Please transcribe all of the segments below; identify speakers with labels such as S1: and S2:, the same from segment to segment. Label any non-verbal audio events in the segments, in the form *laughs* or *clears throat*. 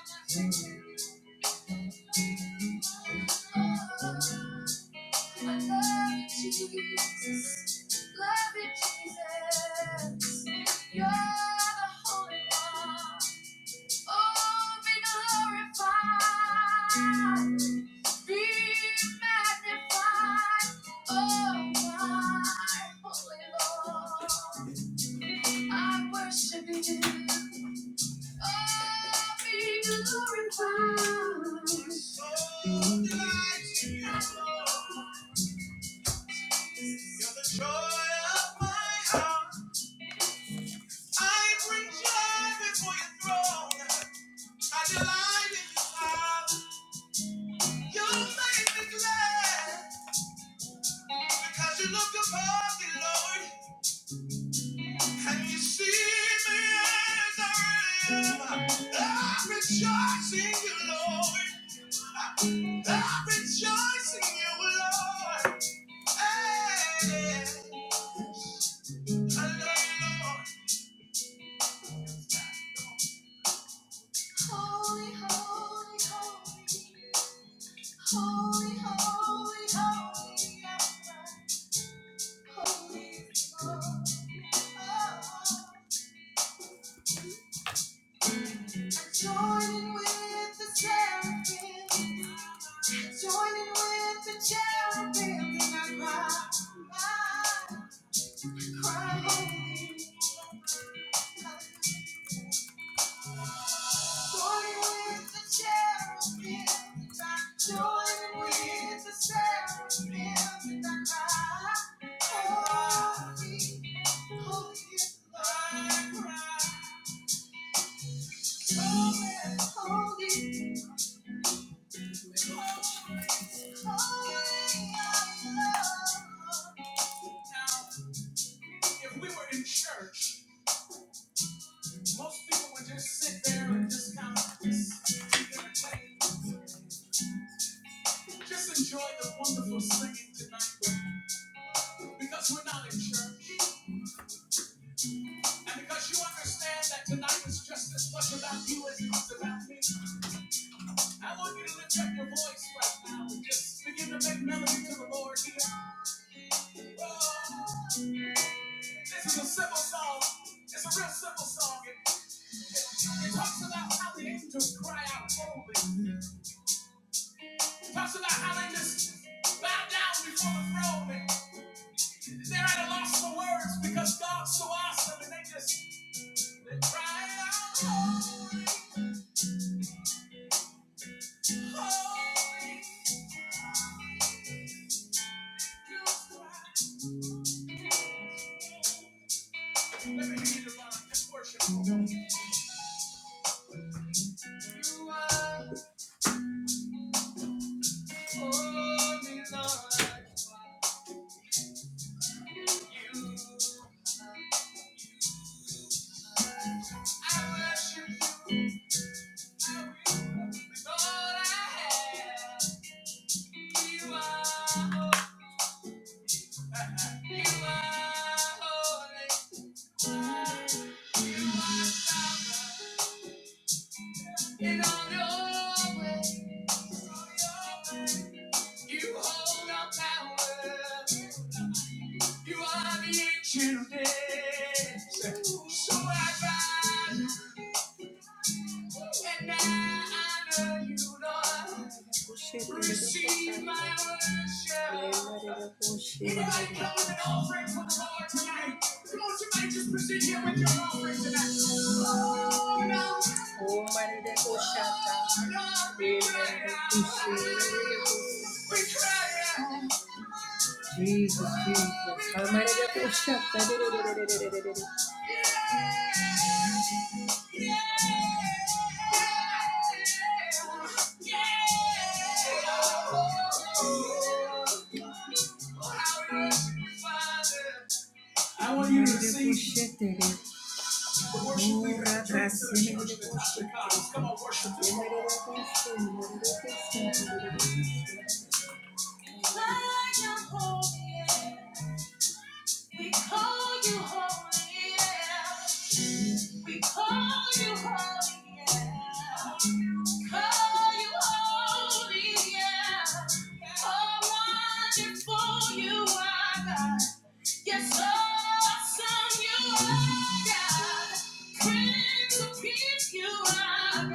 S1: Jesus, love you, Jesus. You're the Holy One. Oh, be glorified, be magnified. Oh, my Holy Lord, I worship you. Oh, be glorified. So delight in you. Lord. You're the joy of my heart. I bring joy before your throne. I delight in you, Father. You make me glad because you look upon me, Lord, and you see me as I really am. I rejoice in you, Lord. I rejoice in you, Lord. Hey, you, Lord. Holy, holy, holy. Holy, holy, holy, holy, holy. Joining with the seraphim, joining with the cherubim, and I cry, I cry, holy. Joining with the cherubim, joining with the seraphim, and I cry, holy. Holy, holy, holy, holy, holy, Lord. Now, if we were in church, most people would just sit there and just kind of just enjoy the wonderful singing tonight. But because we're not in church, and because you understand that tonight, let me lead you on this worshipful. You are holy, Lord. You, I worship you. Jesus, Jesus. Because you hold me, yeah. We call you holy, yeah. Call you holy, yeah. Oh, wonderful you are, God. Yes, so awesome you are, God. Prince of peace you are,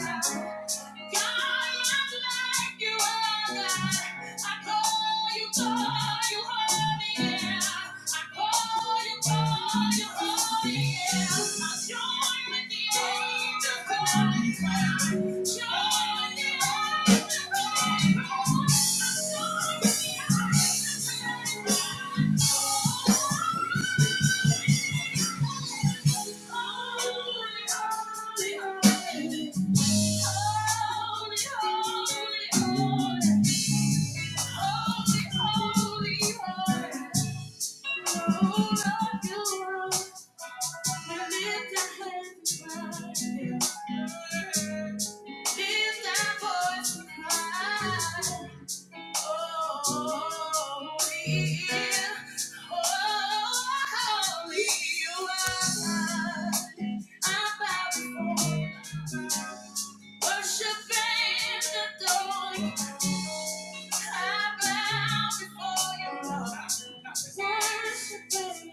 S1: Worshiping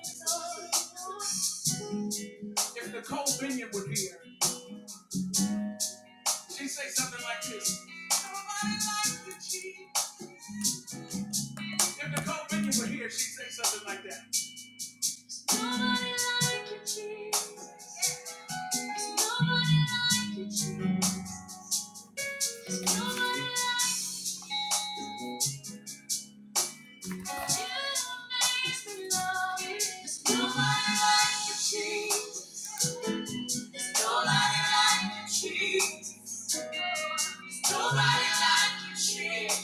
S1: the adore. Nobody like you, cheese. nobody like you, cheese. nobody like you. You makes me love you. There's nobody like you, Jesus. There's nobody like you, Jesus. Nobody like you, Jesus.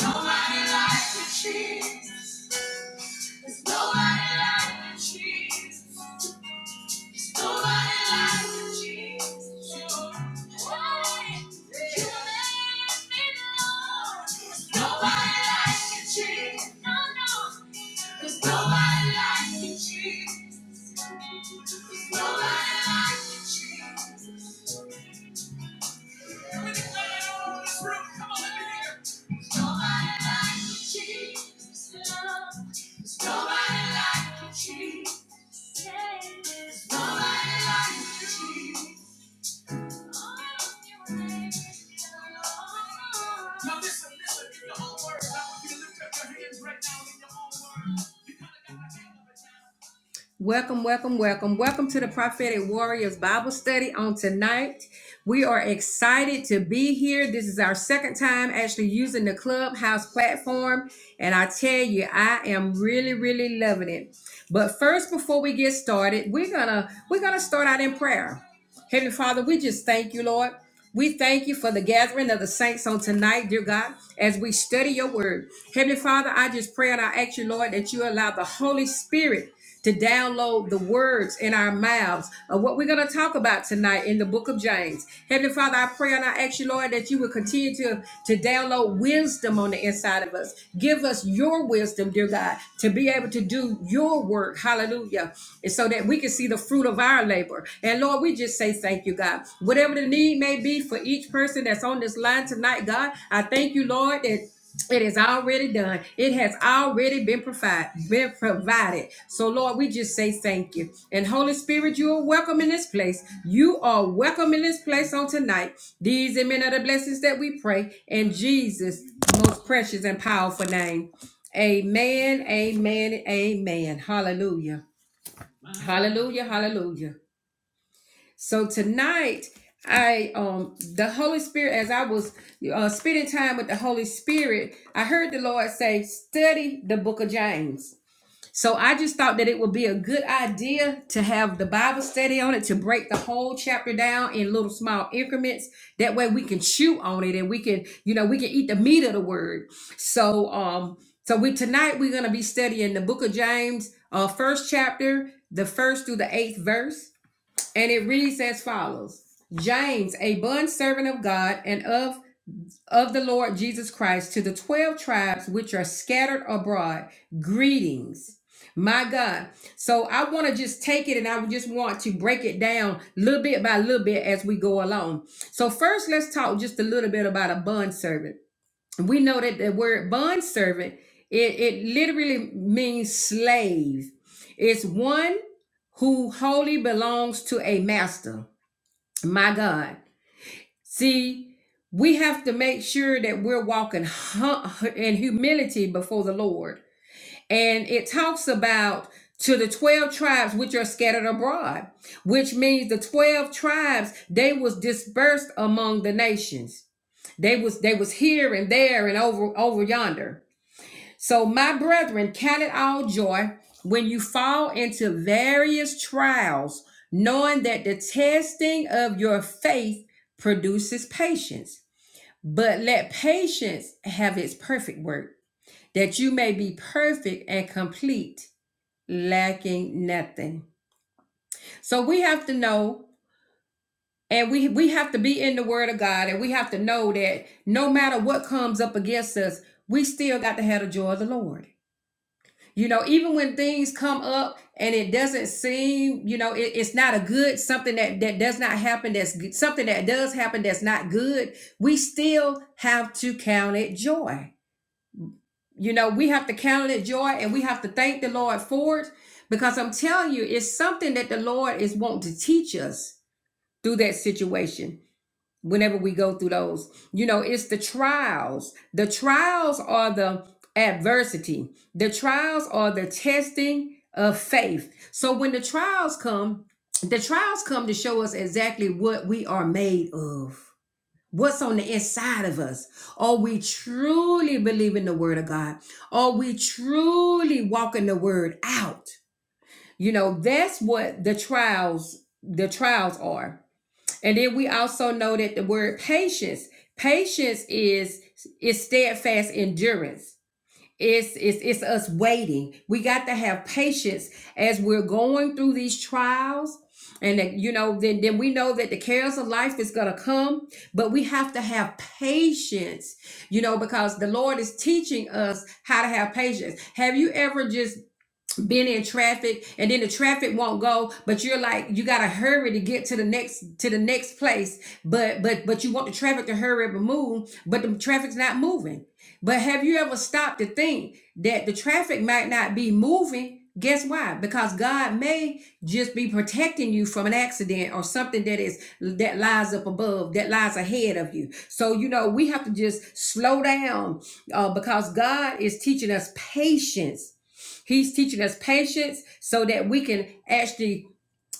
S1: Nobody like you, Jesus. Nobody like you, Jesus. Nobody likes Jesus. Nobody you let me know. Nobody likes you, Jesus. No, no. 'Cause nobody likes you, Jesus. Nobody likes you, Jesus. Nobody likes you, Jesus. Love. 'Cause nobody likes you, Jesus. Yeah. 'Cause nobody likes you, Jesus. Oh, you raised me, Lord. Welcome, welcome, welcome. Welcome to the Prophetic Warriors Bible study on tonight. We are excited to be here. This is our second time actually using the Clubhouse platform. And I tell you, I am really, really loving it. But first, before we get started, we're gonna we're gonna start out in prayer. Heavenly Father, we just thank you, Lord. We thank you for the gathering of the saints on tonight, dear God, as we study your word. Heavenly Father, I just pray and I ask you, Lord, that you allow the Holy Spirit to download the words in our mouths of what we're going to talk about tonight in the book of James. Heavenly Father, I pray and I ask you, Lord, that you will continue to, to download wisdom on the inside of us. Give us your wisdom, dear God, to be able to do your work. Hallelujah. And so that we can see the fruit of of our labor. And Lord, we just say thank you, God. Whatever the need may be for each person that's on this line tonight, God, I thank you, Lord, that it is already done. It has already been provided. Been provided. So, Lord, we just say thank you. And Holy Spirit, you are welcome in this place. You are welcome in this place on tonight. These and many other blessings that we pray in Jesus' most precious and powerful name. Amen. Amen. Amen. Hallelujah. Hallelujah. Hallelujah. So tonight, I um the Holy Spirit, as I was uh, spending time with the Holy Spirit, I heard the Lord say, "Study the Book of James." So I just thought that it would be a good idea to have the Bible study on it to break the whole chapter down in little small increments. That way we can chew on it and we can, you know, we can eat the meat of the word. So um so we tonight we're gonna be studying the book of James, uh first chapter, the first through the eighth verse. And it reads as follows James, a bond servant of God and of of the Lord Jesus Christ to the 12 tribes which are scattered abroad, greetings. My God. So I want to just take it and I just want to break it down little bit by little bit as we go along. So first let's talk just a little bit about a bond we know that the word bond servant it, it literally means slave it's one who wholly belongs to a master my god see we have to make sure that we're walking hu- in humility before the lord and it talks about to the 12 tribes which are scattered abroad which means the 12 tribes they was dispersed among the nations they was they was here and there and over over yonder so, my brethren, count it all joy when you fall into various trials, knowing that the testing of your faith produces patience. But let patience have its perfect work, that you may be perfect and complete, lacking nothing. So, we have to know. And we, we have to be in the word of God and we have to know that no matter what comes up against us, we still got to have the joy of the Lord. You know, even when things come up and it doesn't seem, you know, it- it's not a good something that that does not happen. That's good, something that does happen that's not good. We still have to count it joy. You know, we have to count it joy, and we have to thank the Lord for it because I'm telling you, it's something that the Lord is wanting to teach us through that situation whenever we go through those. You know, it's the trials. The trials are the adversity, the trials are the testing of faith. So when the trials come, the trials come to show us exactly what we are made of. What's on the inside of us? Are we truly believing the word of God? Are we truly walking the word out? You know, that's what the trials, the trials are. And then we also know that the word patience, patience is is steadfast endurance. It's, it's it's us waiting. We got to have patience as we're going through these trials. And that, you know, then then we know that the cares of life is gonna come, but we have to have patience, you know, because the Lord is teaching us how to have patience. Have you ever just being in traffic and then the traffic won't go but you're like you gotta hurry to get to the next to the next place but but but you want the traffic to hurry up and move but the traffic's not moving but have you ever stopped to think that the traffic might not be moving guess why because god may just be protecting you from an accident or something that is that lies up above that lies ahead of you so you know we have to just slow down uh, because god is teaching us patience He's teaching us patience so that we can actually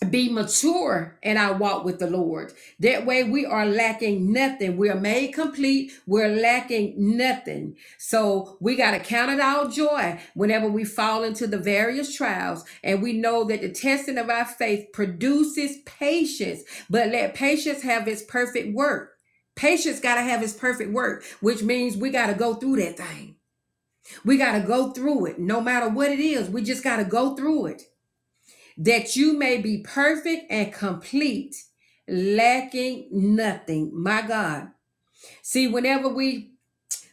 S1: be mature in our walk with the Lord. That way we are lacking nothing. We are made complete. We're lacking nothing. So we got to count it all joy whenever we fall into the various trials. And we know that the testing of our faith produces patience, but let patience have its perfect work. Patience got to have its perfect work, which means we got to go through that thing. We got to go through it, no matter what it is. We just got to go through it. That you may be perfect and complete, lacking nothing. My God. See, whenever we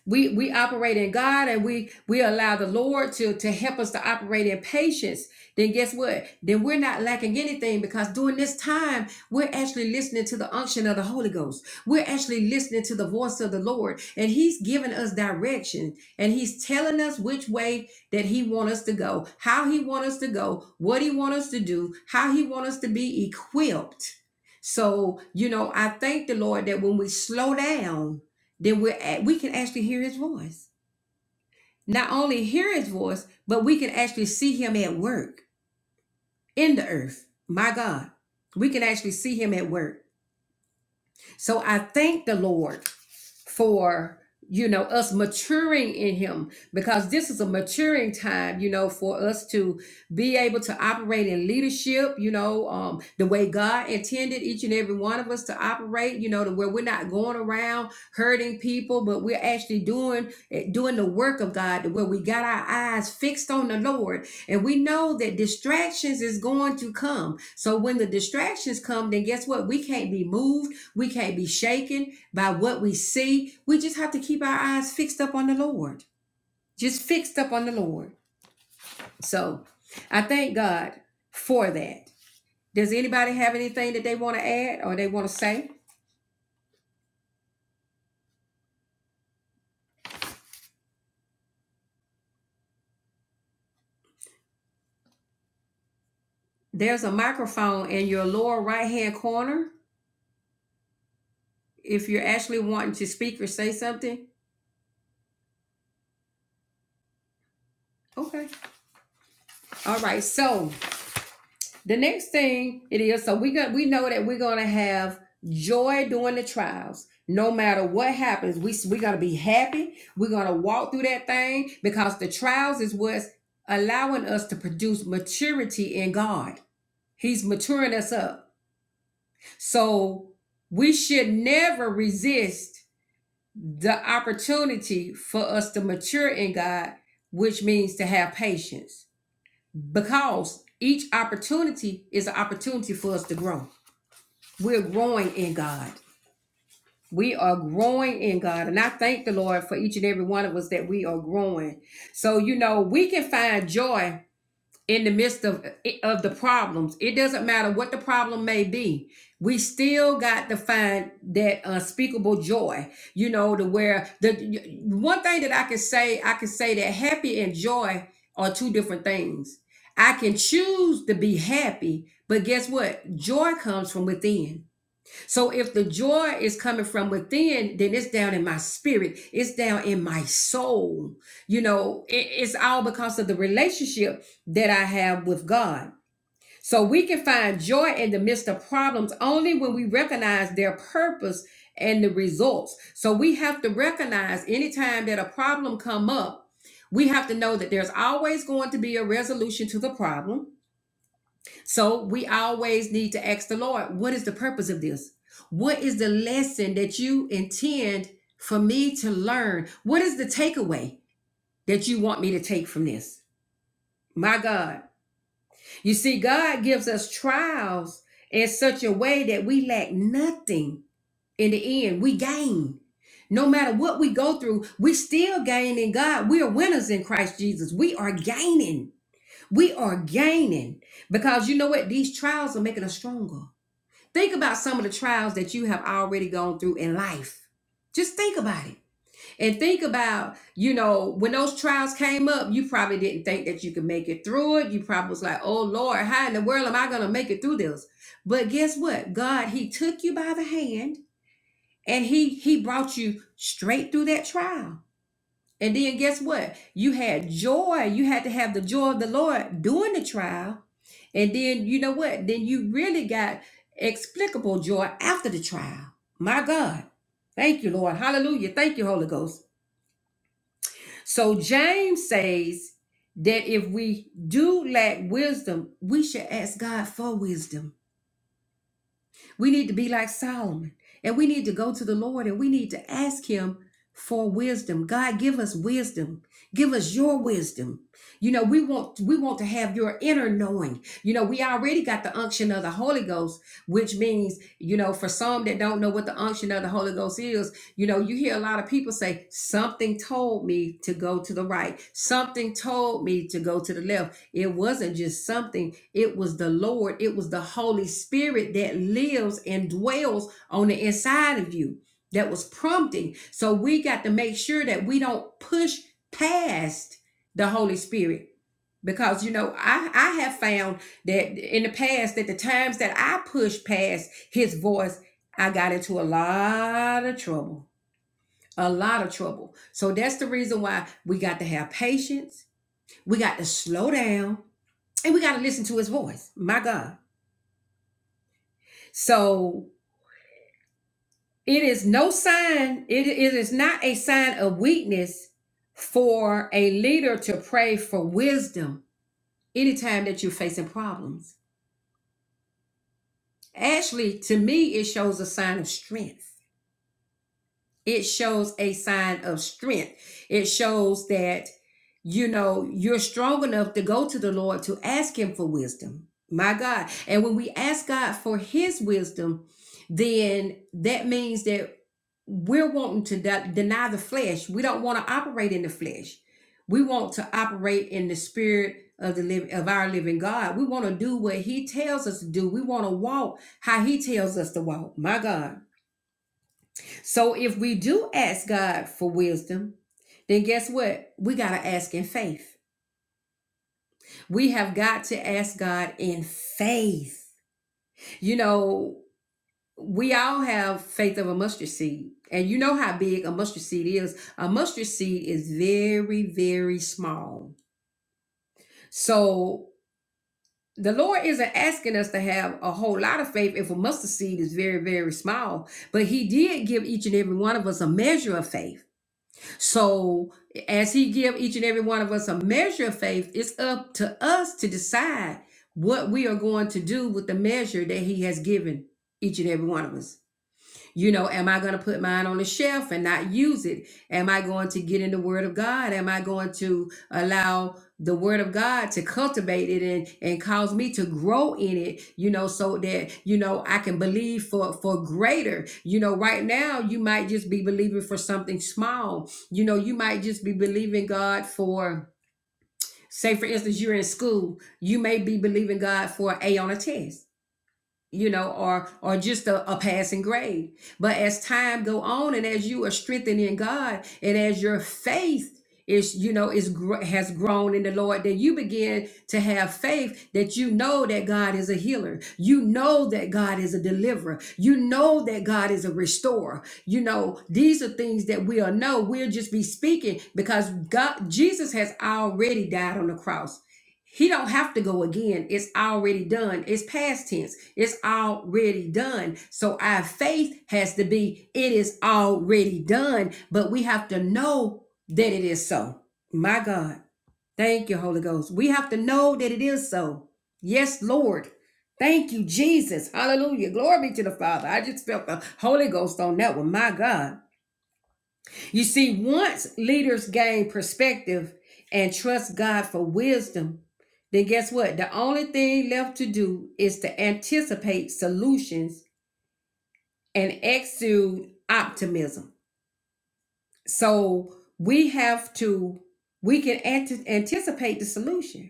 S1: we we operate in God and we we allow the Lord to to help us to operate in patience, then guess what? Then we're not lacking anything because during this time we're actually listening to the unction of the Holy Ghost. We're actually listening to the voice of the Lord, and He's giving us direction and He's telling us which way that He wants us to go, how He wants us to go, what He wants us to do, how He wants us to be equipped. So, you know, I thank the Lord that when we slow down, then we're at, we can actually hear his voice. Not only hear his voice, but we can actually see him at work in the earth. My God, we can actually see him at work. So I thank the Lord for you know us maturing in him because this is a maturing time you know for us to be able to operate in leadership you know um the way god intended each and every one of us to operate you know to where we're not going around hurting people but we're actually doing eh, doing the work of god to where we got our eyes fixed on the lord and we know that distractions is going to come. So when the distractions come, then guess what? We can't be moved. We can't be shaken by what we see. We just have to keep our eyes fixed up on the Lord. Just fixed up on the Lord. So I thank God for that. Does anybody have anything that they want to add or they want to say? There's a microphone in your lower right hand corner if you're actually wanting to speak or say something. Okay. All right. So The next thing it is, so we got we know that we're gonna have joy during the trials. No matter what happens, we we got to be happy. We're gonna walk through that thing because the trials is what's allowing us to produce maturity in God. He's maturing us up. So we should never resist the opportunity for us to mature in God, which means to have patience. Because each opportunity is an opportunity for us to grow. We're growing in God. We are growing in God. And I thank the Lord for each and every one of us that we are growing. So, you know, we can find joy in the midst of, of the problems. It doesn't matter what the problem may be. We still got to find that unspeakable joy, you know, to where the one thing that I can say, I can say that happy and joy are two different things. I can choose to be happy, but guess what? Joy comes from within so if the joy is coming from within, then it's down in my spirit, it's down in my soul. You know, it- it's all because of the relationship that I have with God. So we can find joy in the midst of problems only when we recognize their purpose and the results. So we have to recognize anytime that a problem come up, we have to know that there's always going to be a resolution to the problem so we always need to ask the Lord, what is the purpose of this? What is the lesson that you intend for me to learn? What is the takeaway that you want me to take from this? My God. You see, God gives us trials in such a way that we lack nothing in the end. We gain. No matter what we go through, we still gain in God. We are winners in Christ Jesus. We are gaining. We are gaining because you know what? These trials are making us stronger. Think about some of the trials that you have already gone through in life. Just think about it. And think about, you know, when those trials came up, you probably didn't think that you could make it through it. You probably was like, oh Lord, how in the world am I gonna make it through this? But guess what? God, He took you by the hand and He He brought you straight through that trial. And then guess what? You had joy. You had to have the joy of the Lord during the trial. And then you know what? Then you really got explicable joy after the trial. My God. Thank you, Lord. Hallelujah. Thank you, Holy Ghost. So James says that if we do lack wisdom, we should ask God for wisdom. We need to be like Solomon and we need to go to the Lord and we need to ask Him for wisdom. God, give us wisdom. Give us your wisdom. You know, we want we want to have your inner knowing. You know, we already got the unction of the Holy Ghost, which means, you know, for some that don't know what the unction of the Holy Ghost is, you know, you hear a lot of people say, something told me to go to the right, something told me to go to the left. It wasn't just something, it was the Lord, it was the Holy Spirit that lives and dwells on the inside of you that was prompting. So we got to make sure that we don't push past the Holy Spirit. Because you know, I, I have found that in the past that the times that I pushed past his voice, I got into a lot of trouble. A lot of trouble. So that's the reason why we got to have patience. We got to slow down and we got to listen to his voice my god so it is no sign it, it is not a sign of weakness for a leader to pray for wisdom anytime that you're facing problems actually to me it shows a sign of strength it shows a sign of strength it shows that you know you're strong enough to go to the lord to ask him for wisdom my god and when we ask god for his wisdom then that means that we're wanting to de- deny the flesh we don't want to operate in the flesh we want to operate in the spirit of the live of our living god we want to do what he tells us to do we want to walk how he tells us to walk my god so if we do ask God for wisdom, then guess what? We got to ask in faith. We have got to ask God in faith. You know, we all have faith of a mustard seed. And you know how big a mustard seed is. A mustard seed is very, very small. So the Lord isn't asking us to have a whole lot of faith if a mustard seed is very, very small. But He did give each and every one of us a measure of faith. So as he give each and every one of us a measure of faith, it's up to us to decide what we are going to do with the measure that he has given each and every one of us. You know, am I going to put mine on the shelf and not use it? Am I going to get in the Word of God? Am I going to allow the Word of God to cultivate it and and cause me to grow in it? You know, so that you know I can believe for for greater. You know, right now you might just be believing for something small. You know, you might just be believing God for. Say, for instance, you're in school. You may be believing God for an A on a test you know, or or just a, a passing grade. But as time go on, and as you are strengthened in God, and as your faith is, you know, is gr- has grown in the Lord, then you begin to have faith that you know that God is a healer. You know that God is a deliverer. You know that God is a restorer. You know these are things that we'll know. We'll just be speaking because God, Jesus has already died on the cross. He don't have to go again. It's already done. It's past tense. It's already done. So our faith has to be it is already done, but we have to know that it is so. My God. Thank you, Holy Ghost. We have to know that it is so. Yes, Lord. Thank you, Jesus. Hallelujah. Glory be to the Father. I just felt the Holy Ghost on that one. My God. You see, once leaders gain perspective and trust God for wisdom, then guess what? The only thing left to do is to anticipate solutions and exude optimism. So we have to, we can ante- anticipate the solution.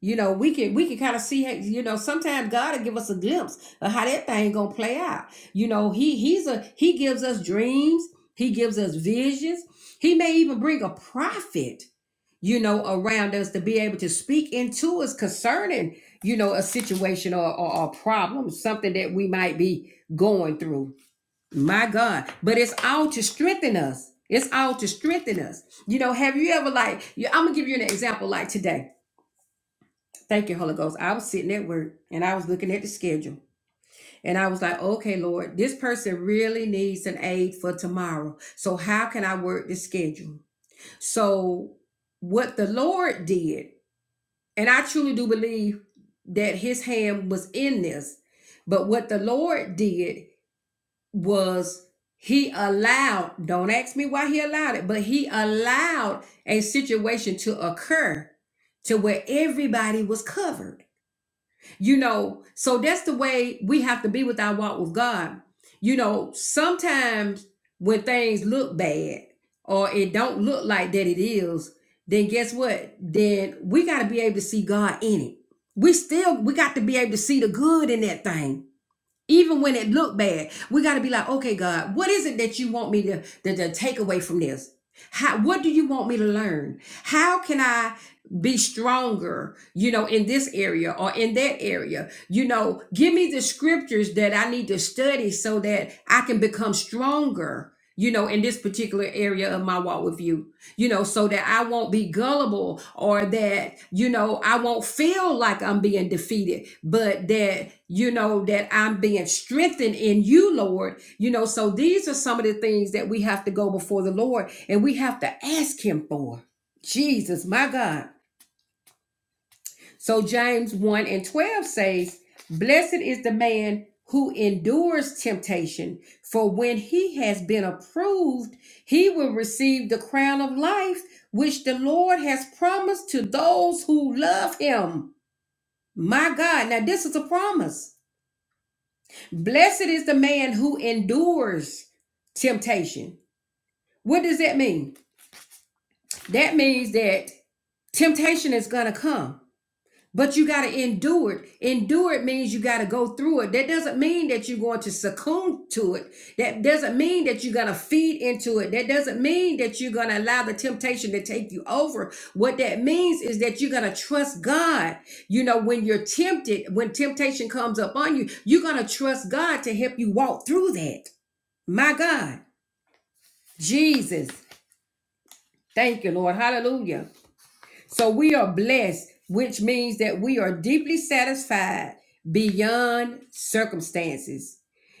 S1: You know, we can we can kind of see, hey, you know, sometimes God will give us a glimpse of how that thing gonna play out. You know, he he's a he gives us dreams, he gives us visions, he may even bring a prophet, you know, around us to be able to speak into us concerning, you know, a situation or, or, or problem, something that we might be going through. My God. But it's all to strengthen us. It's all to strengthen us. You know, have you ever like, you- I'm gonna give you an example like today Thank you, Holy Ghost. I was sitting at work and I was looking at the schedule and I was like, okay, Lord, this person really needs an aid for tomorrow. So, how can I work the schedule? So, what the Lord did, and I truly do believe that his hand was in this, but what the Lord did was he allowed, don't ask me why he allowed it, but he allowed a situation to occur to where everybody was covered. You know, so that's the way we have to be with our walk with God. You know, sometimes when things look bad or it don't look like that it is, then guess what? Then we got to be able to see God in it. We still we got to be able to see the good in that thing even when it looked bad, we got to be like, okay, God, what is it that you want me to, to, to take away from this? How, what do you want me to learn? How can I be stronger, you know, in this area or in that area? You know, give me the scriptures that I need to study so that I can become stronger, you know, in this particular area of my walk with you you know, so that I won't be gullible or that, you know, I won't feel like I'm being defeated, but that, you know, that I'm being strengthened in you, Lord. You know, so these are some of the things that we have to go before the Lord and we have to ask Him for. Jesus, my God. So James 1 and 12 says, Blessed is the man who endures temptation, for when he has been approved, he will receive the crown of life which the Lord has promised to those who love him. My God, now this is a promise. Blessed is the man who endures temptation. What does that mean? That means that temptation is going to come But you got to endure it. Endure it means you got to go through it. That doesn't mean that you're going to succumb to it. That doesn't mean that you're going to feed into it. That doesn't mean that you're going to allow the temptation to take you over. What that means is that you're going to trust God. You know, when you're tempted, when temptation comes up on you, you're going to trust God to help you walk through that. My God, Jesus. Thank you, Lord. Hallelujah. So we are blessed, which means that we are deeply satisfied beyond circumstances.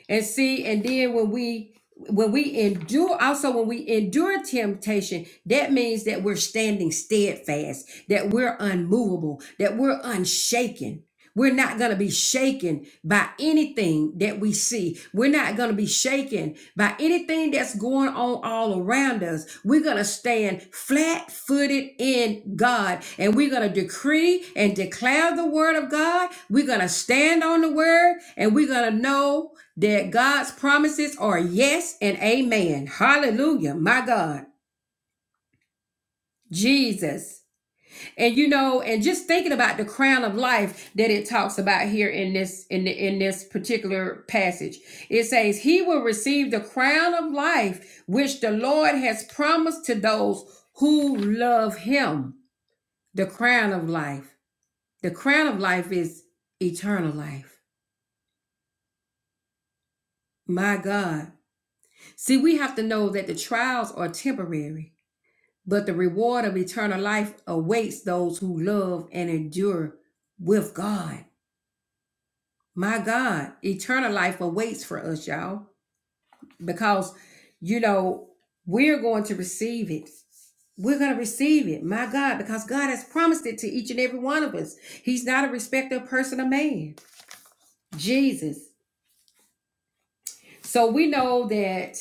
S1: And see, and then when we when we endure also when we endure temptation that means that we're standing steadfast that we're unmovable that we're unshaken we're not going to be shaken by anything that we see we're not going to be shaken by anything that's going on all around us we're going to stand flat-footed in god and we're going to decree and declare the word of god we're going to stand on the word and we're going to know that God's promises are yes and amen. Hallelujah. My God, Jesus. And you know, and just thinking about the crown of life that it talks about here in this in the, in this particular passage. It says, "He will receive the crown of life which the Lord has promised to those who love him." The crown of life. The crown of life is eternal life. My God. See, we have to know that the trials are temporary but the reward of eternal life awaits those who love and endure with God. My God, eternal life awaits for us, y'all, because, you know, we're going to receive it. We're going to receive it, my God, because God has promised it to each and every one of us. He's not a respecter of person or man, Jesus. So we know that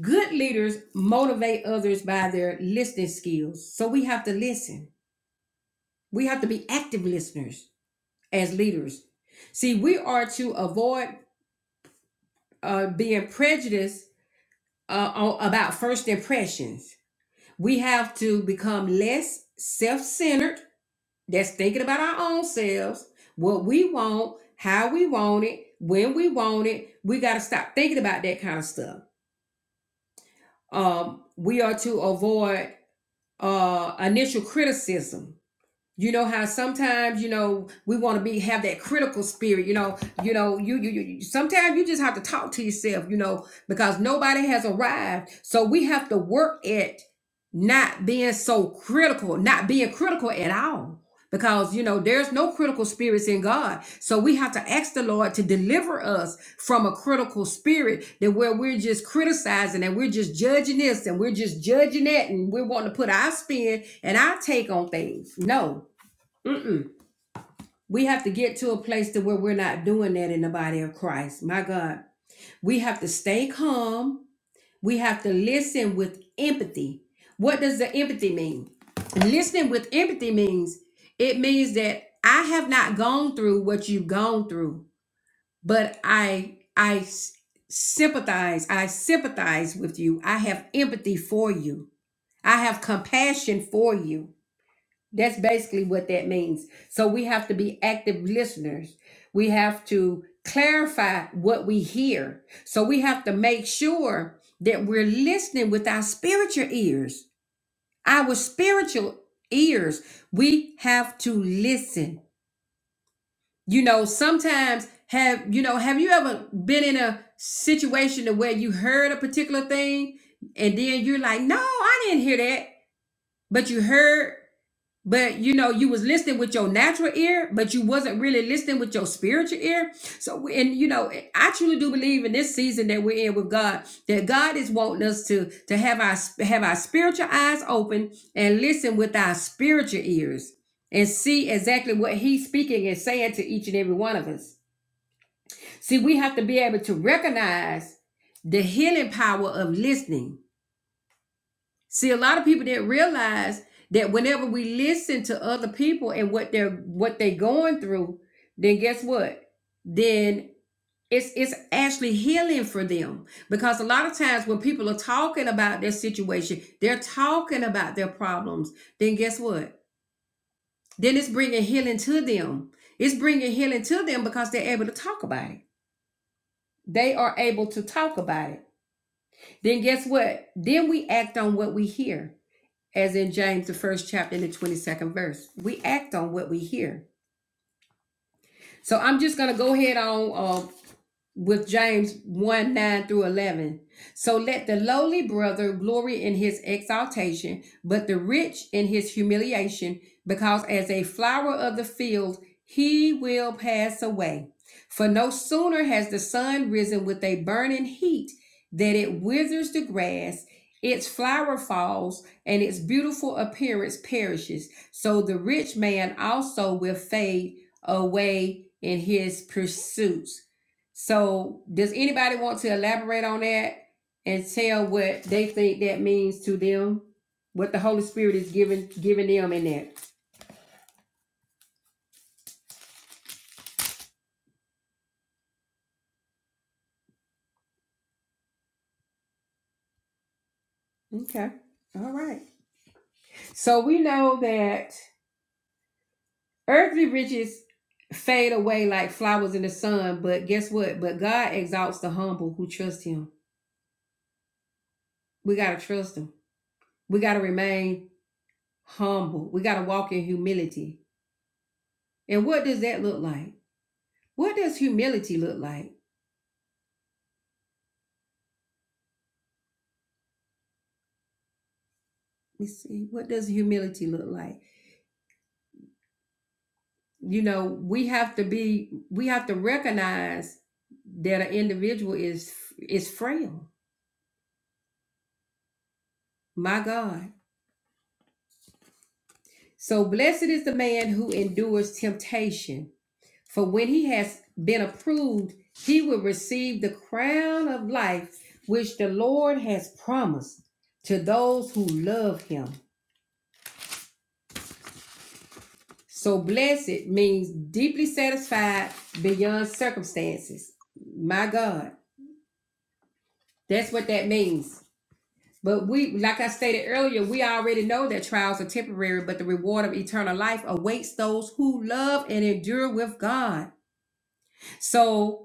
S1: good leaders motivate others by their listening skills. So we have to listen. We have to be active listeners as leaders. See, we are to avoid uh, being prejudiced uh, about first impressions. We have to become less self centered, that's thinking about our own selves, what we want, how we want it, when we want it. We got to stop thinking about that kind of stuff. Um, we are to avoid uh, initial criticism You know how sometimes you know we want to be have that critical spirit. You know, you know, you, you you sometimes you just have to talk to yourself. You know, because nobody has arrived, so we have to work at not being so critical, not being critical at all. Because you know, there's no critical spirits in God, so we have to ask the Lord to deliver us from a critical spirit that where we're just criticizing and we're just judging this and we're just judging that, and we're wanting to put our spin and our take on things. No, *clears throat* Mm-mm. We have to get to a place to where we're not doing that in the body of Christ. My God, we have to stay calm. We have to listen with empathy. What does the empathy mean? Listening with empathy means it means that I have not gone through what you've gone through, but I I s- sympathize. I sympathize with you. I have empathy for you. I have compassion for you. That's basically what that means. So we have to be active listeners. We have to clarify what we hear. So we have to make sure that we're listening with our spiritual ears, our spiritual ears. We have to listen. You know, sometimes have, you know, have you ever been in a situation to where you heard a particular thing and then you're like, no, I didn't hear that. But you heard but you know you was listening with your natural ear but you wasn't really listening with your spiritual ear so and you know i truly do believe in this season that we're in with god that god is wanting us to to have our have our spiritual eyes open and listen with our spiritual ears and see exactly what he's speaking and saying to each and every one of us see we have to be able to recognize the healing power of listening See, a lot of people didn't realize that whenever we listen to other people and what they're what they going through, then guess what? Then it's it's actually healing for them because a lot of times when people are talking about their situation, they're talking about their problems. Then guess what? Then it's bringing healing to them. It's bringing healing to them because they're able to talk about it. They are able to talk about it. Then guess what? Then we act on what we hear. as in James, the first chapter and the 22nd verse. We act on what we hear. So I'm just going to go ahead on uh, with James 1 9 through 11. So let the lowly brother glory in his exaltation, but the rich in his humiliation, because as a flower of the field, he will pass away. For no sooner has the sun risen with a burning heat that it withers the grass, its flower falls, and its beautiful appearance perishes. So the rich man also will fade away in his pursuits. So, does anybody want to elaborate on that and tell what they think that means to them? What the Holy Spirit is giving giving them in that? Okay, all right. So we know that earthly riches fade away like flowers in the sun, but guess what? But God exalts the humble who trust Him. We gotta trust Him. We gotta remain humble. We gotta walk in humility. And what does that look like? What does humility look like? Let me see. What does humility look like? you know we have to be we have to recognize that an individual is is frail my god so blessed is the man who endures temptation for when he has been approved he will receive the crown of life which the lord has promised to those who love him so blessed means deeply satisfied beyond circumstances my god that's what that means But we, like I stated earlier, we already know that trials are temporary, but the reward of eternal life awaits those who love and endure with God. So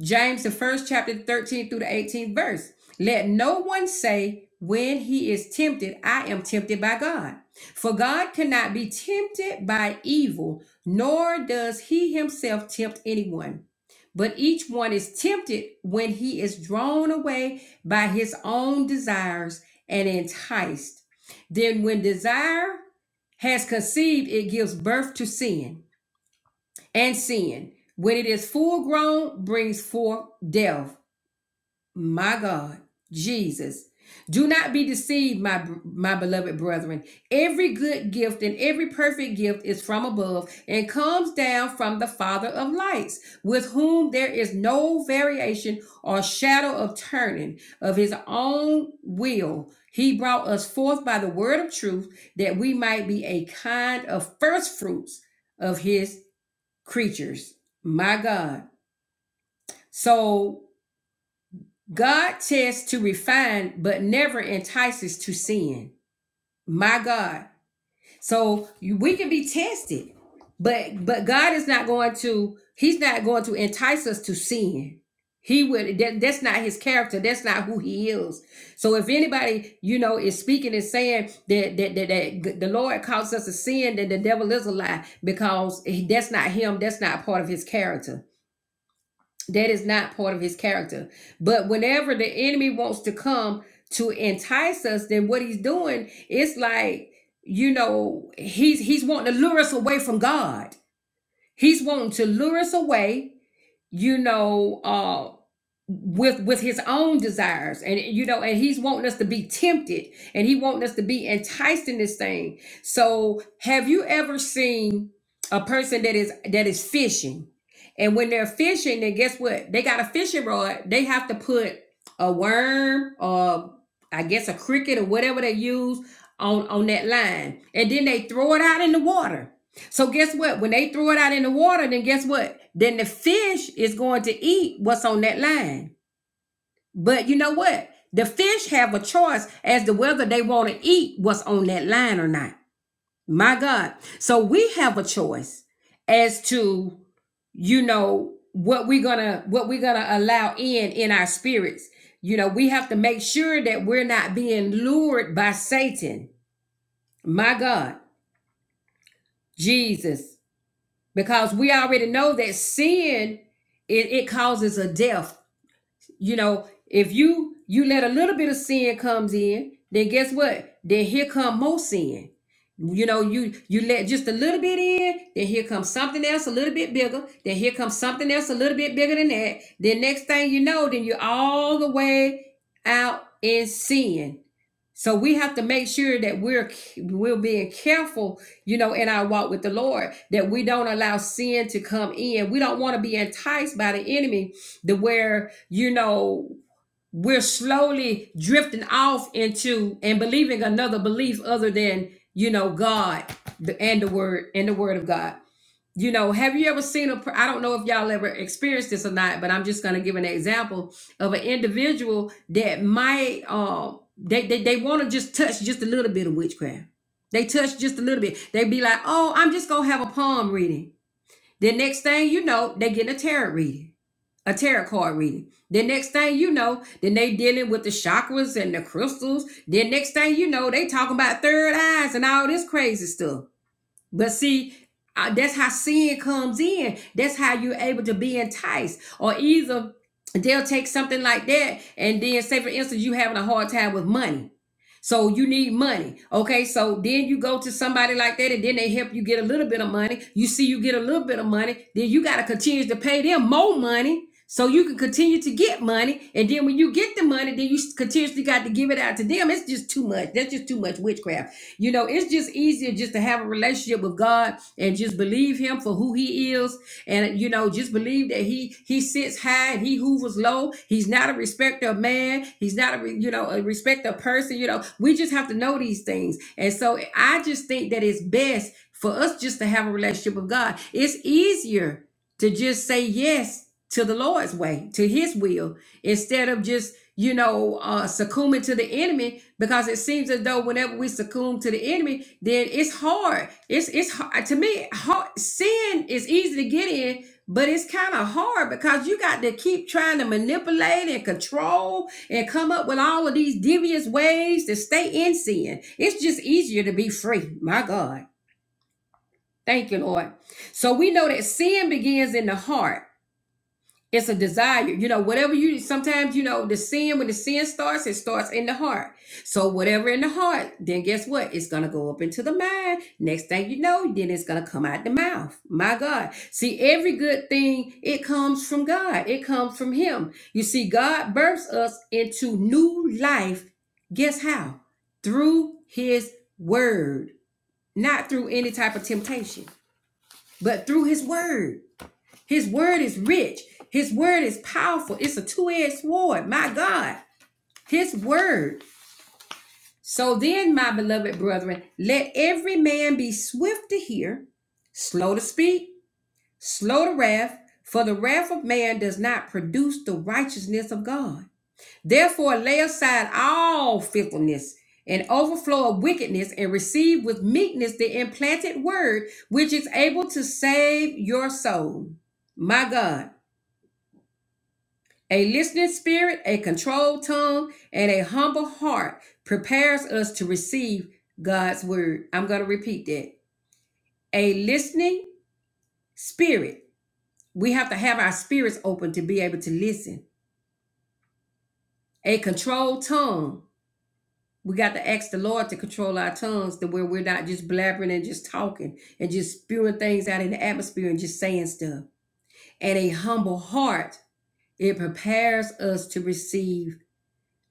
S1: James, the first chapter, 13 through the 18th verse. Let no one say when he is tempted, I am tempted by God. For God cannot be tempted by evil, nor does he himself tempt anyone. But each one is tempted when he is drawn away by his own desires and enticed. Then, when desire has conceived, it gives birth to sin and sin, when it is full grown, brings forth death. My God, Jesus. Do not be deceived, my, my beloved brethren. Every good gift and every perfect gift is from above and comes down from the Father of lights, with whom there is no variation or shadow of turning. Of his own will, he brought us forth by the word of truth, that we might be a kind of first fruits of his creatures. My God. So God tests to refine, but never entices to sin. My God. So you- we can be tested, but but God is not going to. He's not going to entice us to sin. He would. That, that's not his character. That's not who he is. So if anybody you know is speaking and saying that that that, that the Lord calls us to sin, then the devil is a lie because that's not him. That's not part of his character. That is not part of his character. But whenever the enemy wants to come to entice us, then what he's doing is like, you know, he's he's wanting to lure us away from God. He's wanting to lure us away you know, uh, with with his own desires and you know and he's wanting us to be tempted and he wanting us to be enticed in this thing so have you ever seen a person that is that is fishing and when they're fishing then guess what they got a fishing rod they have to put a worm or i guess a cricket or whatever they use on on that line and then they throw it out in the water so guess what? When they throw it out in the water, then guess what? Then the fish is going to eat what's on that line. But you know what? The fish have a choice as to whether they want to eat what's on that line or not. My God. So we have a choice as to, you know, what we're gonna what we're gonna allow in in our spirits. You know, we have to make sure that we're not being lured by Satan. My God. Jesus. because we already know that sin it, it causes a death you know if you you let a little bit of sin comes in then guess what then here come more sin you know you you let just a little bit in then here comes something else a little bit bigger then here comes something else a little bit bigger than that then next thing you know then you're all the way out in sin so we have to make sure that we're we're being careful, you know, in our walk with the Lord, that we don't allow sin to come in. We don't want to be enticed by the enemy to where, you know, we're slowly drifting off into and believing another belief other than, you know, God the, and the word and the word of God you know, have you ever seen a? I don't know if y'all ever experienced this or not, but I'm just going to give an example of an individual that might, um, they, they, they want to just touch just a little bit of witchcraft. They touch just a little bit. They be like, oh, I'm just going to have a palm reading. The next thing you know, they getting a tarot reading, a tarot card reading. The next thing you know, then they dealing with the chakras and the crystals. Then next thing you know, they talking about third eyes and all this crazy stuff. But see, uh, that's how sin comes in. That's how you're able to be enticed. Or either they'll take something like that, and then say, for instance, you having a hard time with money. So you need money. Okay. So then you go to somebody like that, and then they help you get a little bit of money. You see you get a little bit of money, then you got to continue to pay them more money. So you can continue to get money, and then when you get the money, then you continuously got to give it out to them. It's just too much. That's just too much witchcraft. You know, it's just easier just to have a relationship with God and just believe Him for who He is, and you know, just believe that He He sits high and He hoovers low. He's not a respecter of man. He's not a re- you know a respecter of person. You know, we just have to know these things, and so I just think that it's best for us just to have a relationship with God. It's easier to just say yes to the Lord's way, to his will, instead of just, you know, uh, succumbing to the enemy, because it seems as though whenever we succumb to the enemy, then it's hard. It's, it's hard. To me, hard, sin is easy to get in, but it's kind of hard because you got to keep trying to manipulate and control and come up with all of these devious ways to stay in sin. It's just easier to be free. My God. Thank you, Lord. So we know that sin begins in the heart. It's a desire. You know, whatever you sometimes, you know, the sin, when the sin starts, it starts in the heart. So whatever in the heart, then guess what? It's gonna go up into the mind. Next thing you know, then it's gonna come out the mouth. My God. See, every good thing, it comes from God. It comes from Him. You see, God births us into new life. Guess how? Through his word, not through any type of temptation, but through his word. His word is rich. His word is powerful. It's a two edged sword. My God, His word. So then, my beloved brethren, let every man be swift to hear, slow to speak, slow to wrath, for the wrath of man does not produce the righteousness of God. Therefore, lay aside all fickleness and overflow of wickedness, and receive with meekness the implanted word, which is able to save your soul. My God. A listening spirit, a controlled tongue, and a humble heart prepares us to receive God's word. I'm going to repeat that. A listening spirit. We have to have our spirits open to be able to listen. A controlled tongue. We got to ask the Lord to control our tongues to where we're not just blabbering and just talking and just spewing things out in the atmosphere and just saying stuff. And a humble heart. It prepares us to receive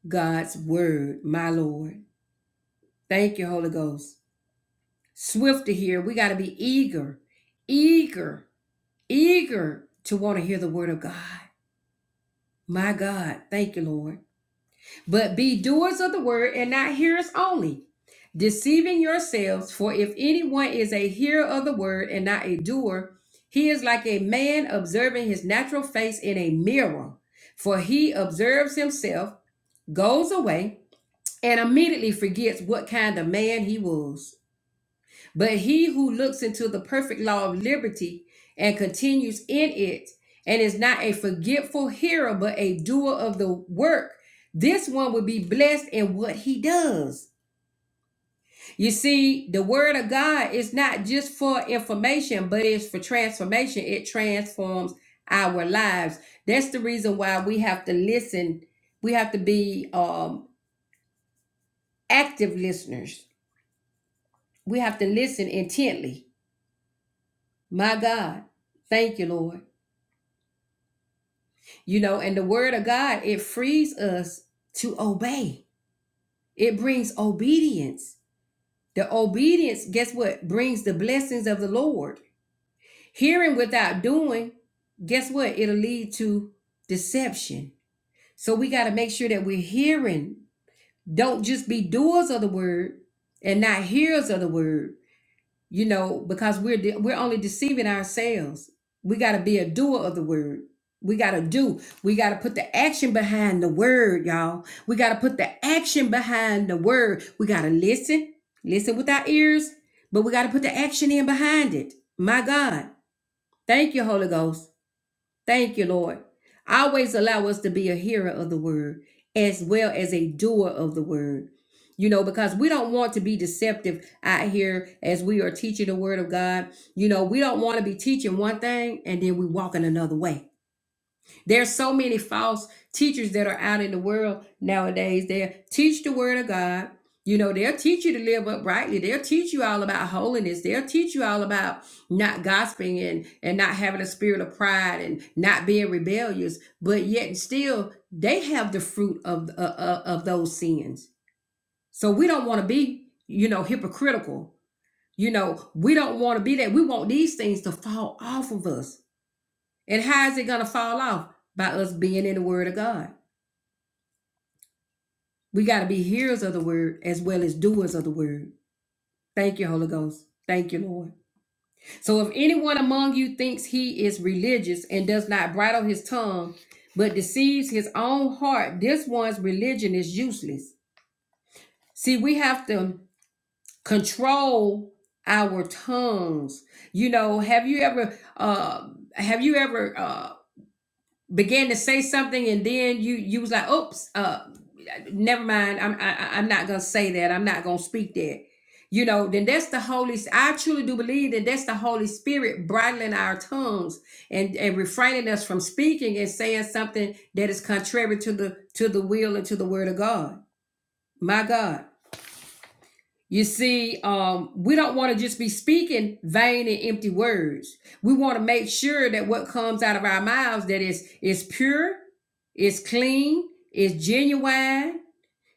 S1: God's word, my Lord. Thank you, Holy Ghost. Swift to hear. We got to be eager, eager, eager to want to hear the word of God. My God. Thank you, Lord. But be doers of the word and not hearers only, deceiving yourselves. For if anyone is a hearer of the word and not a doer, he is like a man observing his natural face in a mirror. For he observes himself, goes away, and immediately forgets what kind of man he was. But he who looks into the perfect law of liberty and continues in it, and is not a forgetful hearer, but a doer of the work, this one will be blessed in what he does. You see, the word of God is not just for information, but it's for transformation. It transforms our lives. That's the reason why we have to listen. We have to be um, active listeners. We have to listen intently. My God, thank you, Lord. You know, and the word of God, it frees us to obey. It brings obedience. The obedience, guess what? Brings the blessings of the Lord. Hearing without doing, guess what? It'll lead to deception. So we got to make sure that we're hearing. Don't just be doers of the word and not hearers of the word you know because we're de- we're only deceiving ourselves we got to be a doer of the word we got to do we got to put the action behind the word y'all we got to put the action behind the word we got to listen listen with our ears but we got to put the action in behind it my god thank you holy ghost Thank you, Lord. Always allow us to be a hearer of the word as well as a doer of the word. You know, because we don't want to be deceptive out here as we are teaching the word of God. You know, we don't want to be teaching one thing and then we walk in another way. There's so many false teachers that are out in the world nowadays. They'll teach the word of God. You know, they'll teach you to live uprightly. They'll teach you all about holiness. They'll teach you all about not gossiping and, and not having a spirit of pride and not being rebellious. But yet still, they have the fruit of, uh, uh, of those sins. So we don't want to be, you know, hypocritical. You know, we don't want to be that. We want these things to fall off of us and how is it going to fall off? By us being in the Word of God. We got to be hearers of the Word as well as doers of the Word. Thank you, Holy Ghost. Thank you, Lord. So if anyone among you thinks he is religious and does not bridle his tongue, but deceives his own heart, this one's religion is useless. See, we have to control our tongues. You know, have you ever uh have you ever uh, began to say something and then you you was like oops uh never mind i'm I, i'm not gonna say that i'm not gonna speak that you know then that's the holy i truly do believe that that's the holy spirit bridling our tongues and and refraining us from speaking and saying something that is contrary to the to the will and to the word of god my god you see, um, we don't want to just be speaking vain and empty words. We want to make sure that what comes out of our mouths that is is pure, is clean, is genuine.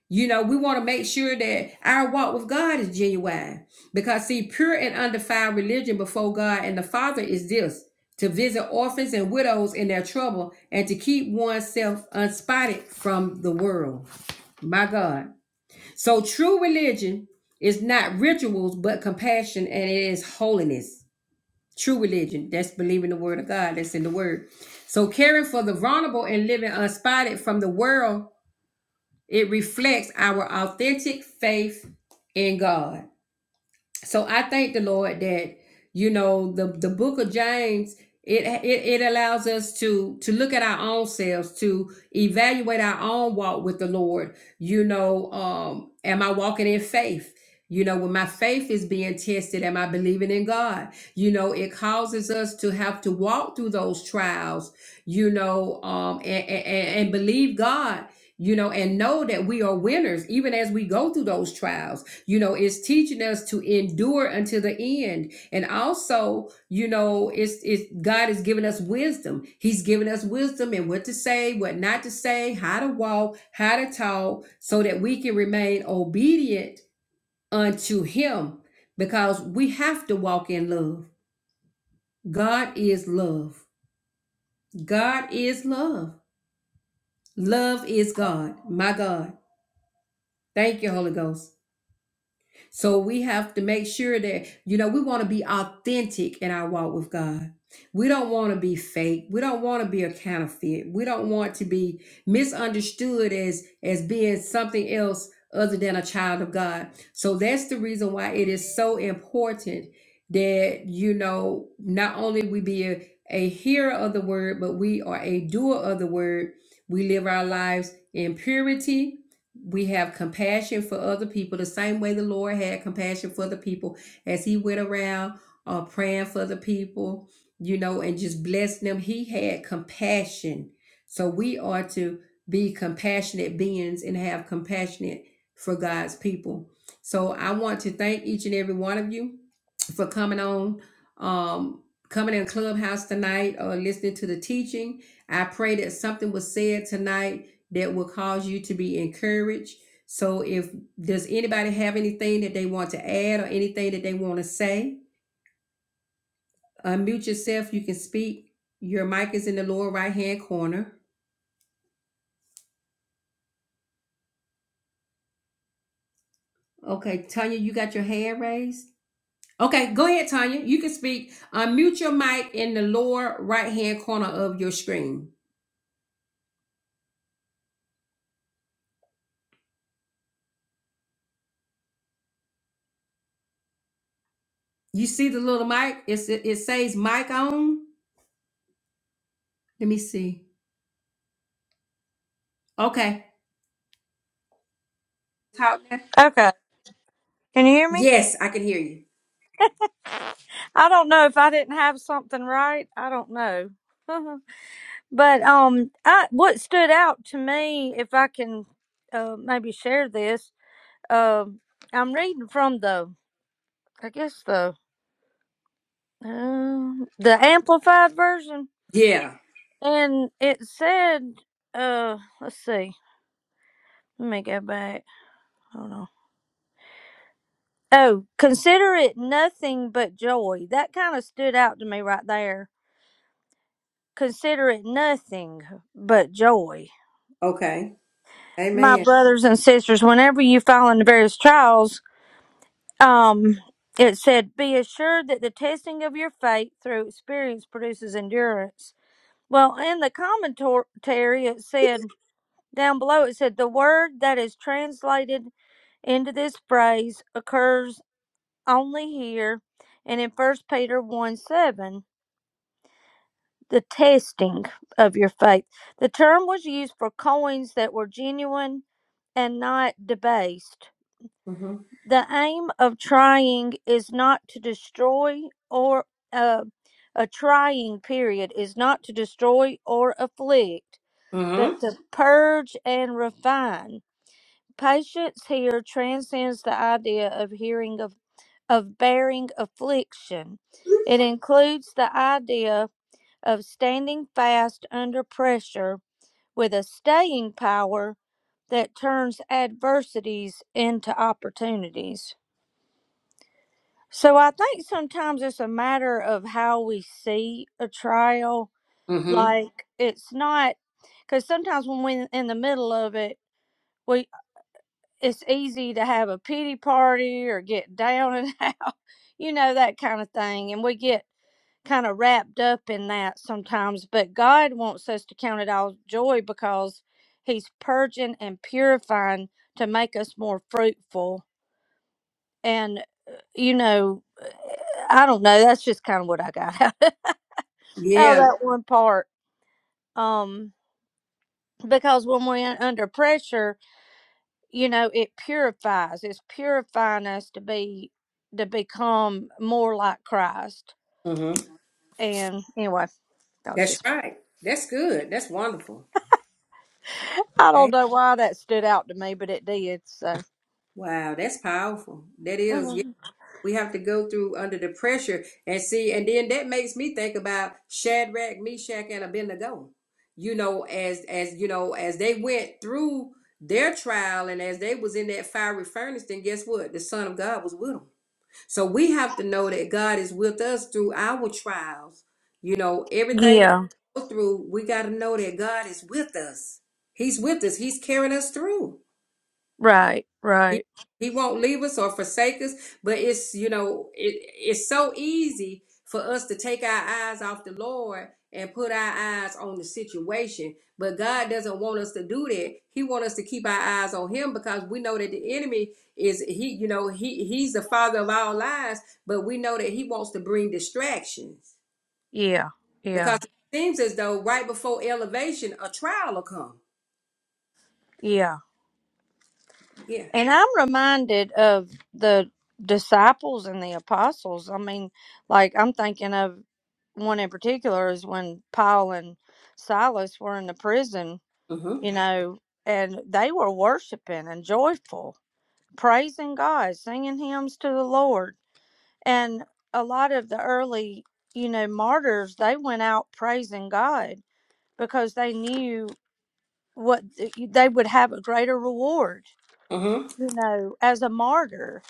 S1: You know, we want to make sure that our walk with God is genuine. Because see, pure and undefiled religion before God and the Father is this to visit orphans and widows in their trouble and to keep oneself unspotted from the world. My God. So true religion is not rituals, but compassion, and it is holiness. True religion, that's believing the word of God, that's in the word. So caring for the vulnerable and living unspotted from the world, it reflects our authentic faith in God so I thank the Lord that you know the the book of James it, it it allows us to to look at our own selves to evaluate our own walk with the Lord you know um am I walking in faith you know when my faith is being tested am I believing in God you know it causes us to have to walk through those trials you know um and and, and believe God you know and know that we are winners even as we go through those trials you know it's teaching us to endure until the end and also you know it's it's god has given us wisdom he's given us wisdom and what to say what not to say how to walk how to talk so that we can remain obedient unto him because we have to walk in love god is love god is love love is god my god thank you holy ghost So we have to make sure that, you know, we want to be authentic in our walk with God. We don't want to be fake. We don't want to be a counterfeit. We don't want to be misunderstood as as being something else other than a child of God. So that's the reason why it is so important that, you know, not only we be a, a hearer of the word, but we are a doer of the word. We live our lives in purity we have compassion for other people the same way the lord had compassion for the people as he went around uh, praying for the people you know and just blessing them he had compassion so we are to be compassionate beings and have compassionate for god's people so i want to thank each and every one of you for coming on, um, coming in Clubhouse tonight or listening to the teaching. I pray that something was said tonight that will cause you to be encouraged. So if does anybody have anything that they want to add or anything that they want to say, unmute yourself. You can speak. Your mic is in the lower right hand corner. Okay, Tanya, you got your hand raised. Okay, go ahead, Tanya. You can speak. Unmute your mic in the lower right hand corner of your screen. You see the little mic? It's, it, it says mic on. Let me see. Okay. Talk now.
S2: Okay. Can you hear me?
S1: Yes, I can hear you.
S2: I don't know if I didn't have something right. I don't know. *laughs* but um I what stood out to me if I can uh maybe share this, um I'm reading from the I guess the uh, the amplified version
S1: Yeah.
S2: and it said uh let's see. Let me go back. Hold on. Oh, consider it nothing but joy. That kind of stood out to me right there Consider it nothing but joy.
S1: Okay.
S2: My
S1: Amen.
S2: brothers and sisters, whenever you fall into various trials, um, it said, be assured that the testing of your faith through experience produces endurance. Well, in the commentary, it said, down below, it said, the word that is translated into this phrase occurs only here and in First Peter 1 7, the testing of your faith. The term was used for coins that were genuine and not debased.
S1: Mm-hmm.
S2: The aim of trying is not to destroy or uh, a trying period is not to destroy or afflict, but
S1: Mm-hmm.
S2: to purge and refine. Patience here transcends the idea of hearing of, of bearing affliction. It includes the idea of standing fast under pressure with a staying power that turns adversities into opportunities. So I think sometimes it's a matter of how we see a trial.
S1: Mm-hmm.
S2: Like it's not because sometimes when we're in the middle of it, we it's easy to have a pity party or get down and *laughs* out, you know that kind of thing, and we get kind of wrapped up in that sometimes, but God wants us to count it all joy because He's purging and purifying to make us more fruitful. And, uh, you know, uh, I don't know. That's just kind of what I got *laughs* out of
S1: Yeah.
S2: that one part. Um, because when we're under pressure, you know, it purifies. It's purifying us to be to become more like Christ.
S1: Mm-hmm.
S2: And anyway, that was
S1: That's
S2: just
S1: right. That's good. That's wonderful.
S2: I don't know why that stood out to me, but it did. So,
S1: Wow, that's powerful. That is, yeah.
S2: Mhm.
S1: We have to go through under the pressure and see, and then that makes me think about Shadrach, Meshach, and Abednego. You know, as as you know, as they went through their trial and as they was in that fiery furnace, then guess what? The Son of God was with them. So we have to know that God is with us through our trials. You know, everything that
S2: yeah,
S1: we go through, we got to know that God is with us. He's with us. He's carrying us through.
S2: right,
S1: He
S2: right,
S1: he won't leave us or forsake us, but it's you know it it's so easy for us to take our eyes off the Lord and put our eyes on the situation. But God doesn't want us to do that. He wants us to keep our eyes on him because we know that the enemy is he you know he he's the father of all lies, but we know that he wants to bring distractions
S2: yeah,
S1: because
S2: yeah,
S1: it seems as though right before elevation a trial will come.
S2: yeah.
S1: Yeah.
S2: And I'm reminded of the disciples and the apostles. I mean, like I'm thinking of one in particular is when Paul and Silas were in the prison,
S1: Mhm.
S2: you know, and they were worshiping and joyful, praising God, singing hymns to the Lord And a lot of the early, you know, martyrs, they went out praising God because they knew what th- they would have a greater reward,
S1: Mhm.
S2: you know, as a martyr.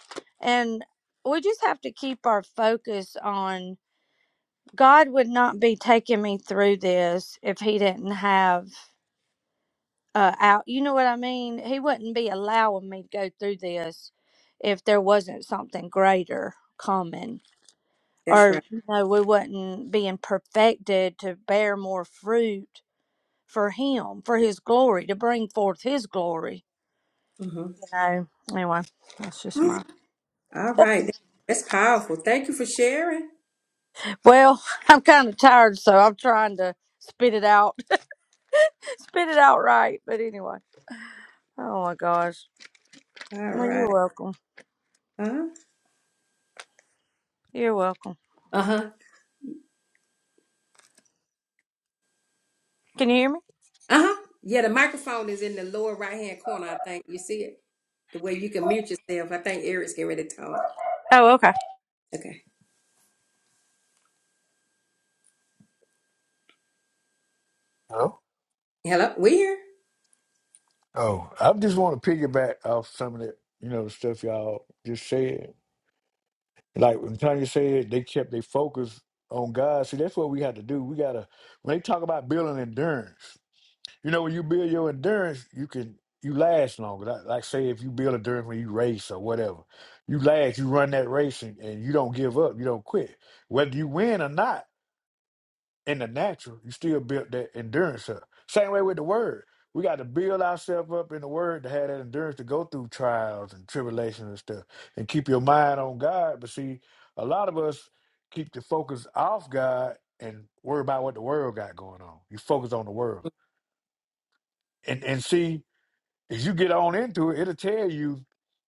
S2: And we just have to keep our focus on God would not be taking me through this if He didn't have uh, out. You know what I mean? He wouldn't be allowing me to go through this if there wasn't something greater coming
S1: That's
S2: or
S1: right.
S2: you know we wasn't being perfected to bear more fruit for him for his glory to bring forth his glory
S1: Mhm.
S2: you know anyway that's just my
S1: All right. That's powerful. Thank you for sharing.
S2: well *laughs* i'm kind of tired so i'm trying to spit it out *laughs* spit it out right but anyway oh my gosh
S1: All
S2: well you're
S1: right.
S2: welcome
S1: Uh-huh.
S2: you're welcome
S1: Uh-huh.
S2: can you hear me
S1: Uh-huh. Yeah, the microphone is in the lower right hand corner, I think. You see it? The way you can mute yourself. I think Eric's getting ready to talk.
S2: oh okay
S1: Okay.
S3: Oh,
S1: Hello? We here?
S3: oh, I just want to piggyback off some of the, you know, the stuff y'all just said. Like when Tanya said, they kept their focus on God. See, that's what we had to do. We gotta when they talk about building endurance. You know, when you build your endurance, you can you last longer. Like, like say, if you build endurance when you race or whatever, you last. You run that race and, and you don't give up. You don't quit, whether you win or not. in the natural, you still build that endurance up. Same way with the word. We got to build ourselves up in the word to have that endurance to go through trials and tribulations and stuff and keep your mind on God. But see, a lot of us keep the focus off God and worry about what the world got going on. You focus on the world. And and see, as you get on into it, it'll tell you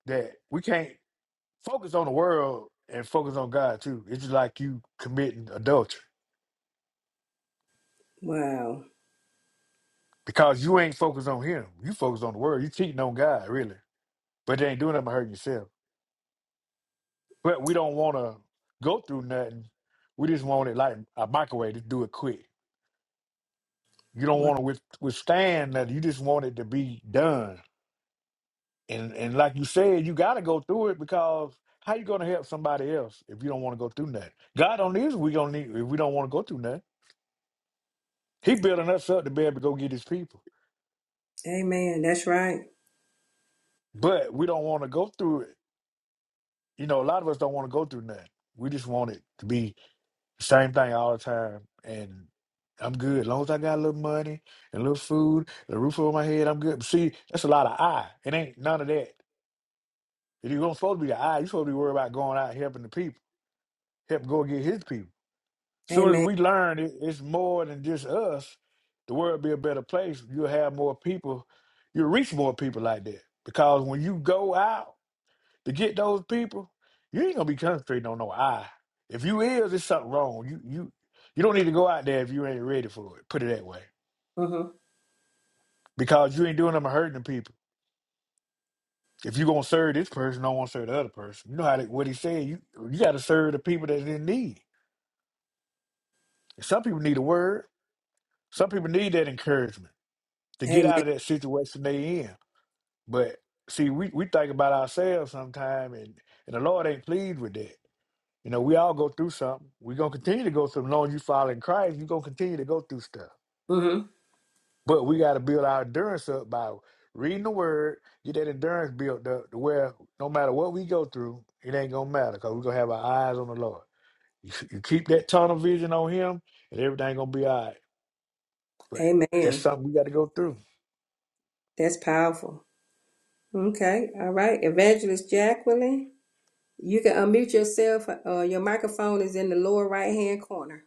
S3: that we can't focus on the world and focus on God too. It's just like you committing adultery
S1: Wow.
S3: because you ain't focused on him. You focused on the world. You cheating on God, really. But they ain't doing nothing but hurting yourself. But we don't want to go through nothing. We just want it like a microwave to do it quick. You don't
S1: Wow.
S3: want to with, withstand nothing. You just want it to be done. And and like you said, you got to go through it because how you gonna help somebody else if you don't want to go through nothing? God don't need us. we gonna need if we don't want to go through nothing. He building us up to be able to go get His people,
S1: Amen. That's right.
S3: but we don't want to go through it. You know, a lot of us don't want to go through nothing. We just want it to be Same thing all the time. And I'm good. As long as I got a little money and a little food, the roof over my head, I'm good. But see, that's a lot of I. It ain't none of that. If you are not supposed to be the I, you are supposed to be worried about going out and helping the people, help go get his people. Soon as
S1: Amen.
S3: we learn it, it's more than just us, the world be a better place. You'll have more people, you'll reach more people like that. Because when you go out, to get those people, you ain't gonna be concentrating on no I. If you is, it's something wrong. You you you don't need to go out there if you ain't ready for it. Put it that way,
S1: Uh huh.
S3: because you ain't doing them hurting the people. If you gonna serve this person, don't want to serve the other person. You know how they, what he said. You you got to serve the people that's in need. Some people need a word. Some people need that encouragement to get out
S1: Amen.
S3: of that situation they in. But see, we, we think about ourselves sometimes, and, and the Lord ain't pleased with that. You know, we all go through something. We're gonna continue to go through. As long as you follow in Christ, you're gonna continue to go through stuff.
S1: Uh huh.
S3: But we gotta build our endurance up by reading the word, get that endurance built up to where no matter what we go through, it ain't gonna matter because we're gonna have our eyes on the Lord. You, you keep that tunnel vision on him and everything gonna be all right. But that's
S1: Amen.
S3: something we gotta go through.
S1: That's powerful. Okay. All right. Evangelist Jacqueline, you can unmute yourself. Uh, your microphone is in the lower right hand corner.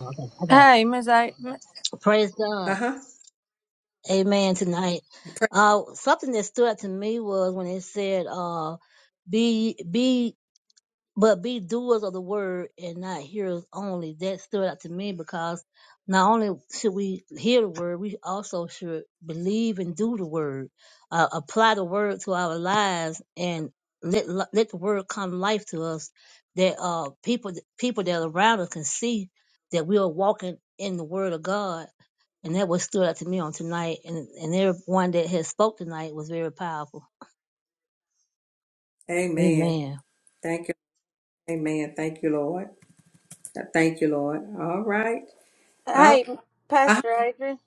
S4: Okay, okay.
S2: hey Miss a M-
S4: Praise God.
S1: Uh-huh.
S4: Amen tonight. Uh something that stood out to me was when it said uh be be but be doers of the word and not hearers only. That stood out to me because not only should we hear the word, we also should believe and do the word, uh, apply the word to our lives, and let li- let the word come life to us. That uh people people that are around us can see that we are walking in the word of God And that was stood out to me on tonight. And, and everyone that has spoke tonight was very powerful.
S1: Amen.
S4: Amen.
S1: Thank you. Amen. Thank you, Lord. Thank you, Lord. All right. All right.
S2: hey
S1: Uh-huh.
S2: pastor adrian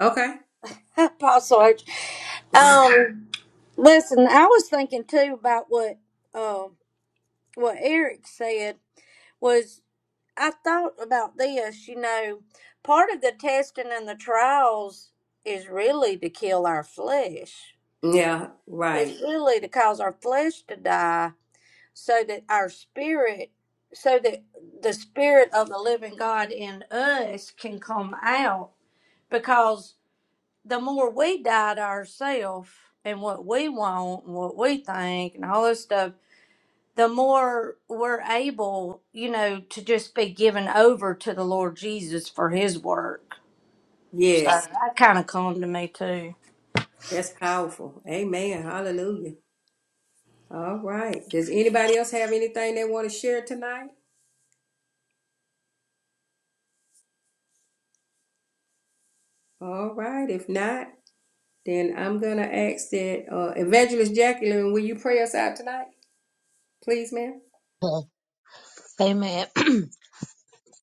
S1: Okay.
S2: *laughs* apostle adrian um listen i was thinking too about what um what Eric said was I thought about this, you know, part of the testing and the trials is really to kill our flesh.
S1: Yeah, right.
S2: It's really to cause our flesh to die so that our spirit so that the spirit of the living God in us can come out because the more we die to ourselves and what we want and what we think and all this stuff the more we're able, you know, to just be given over to the Lord Jesus for his work. So
S1: Yes.
S2: that kind of calmed to me too. *laughs*
S1: That's powerful. Amen. Hallelujah. All right. Does anybody else have anything they want to share tonight? All right. If not, then I'm going to ask that uh, Evangelist Jacqueline, will you pray us out tonight? Please, ma'am.
S4: Uh, Amen. *clears throat*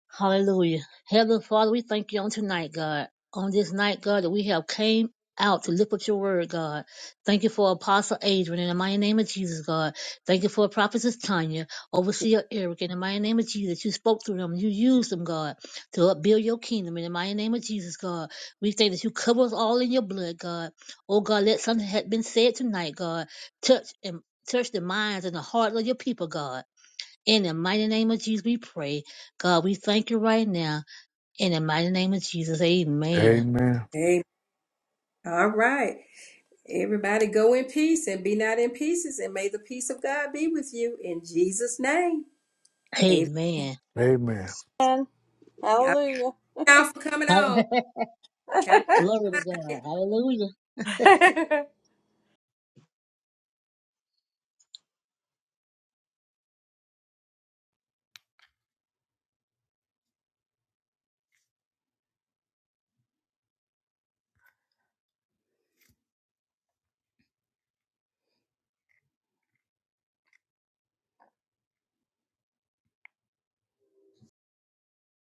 S4: Hallelujah. Heavenly Father, we thank you on tonight, God. On this night, God, that we have came out to lift up your word, God. Thank you for Apostle Adrian in the mighty name of Jesus, God. Thank you for Prophetess Tanya, Overseer Eric in the mighty name of Jesus. You spoke through them. You used them, God, to upbuild your kingdom in the mighty name of Jesus, God. We thank that you cover us all in your blood, God. Oh, God, let something that had been said tonight, God. Touch and touch the minds and the hearts of your people, God. In the mighty name of Jesus, we pray. God, we thank you right now. In the mighty name of Jesus, amen.
S3: Amen.
S1: Amen. All right. Everybody go in peace and be not in pieces, and may the peace of God be with you in Jesus' name. Amen.
S4: Amen.
S3: Amen.
S2: And Hallelujah.
S1: y'all for
S4: *laughs*
S1: coming on. Have a
S4: Glory to God. Hallelujah.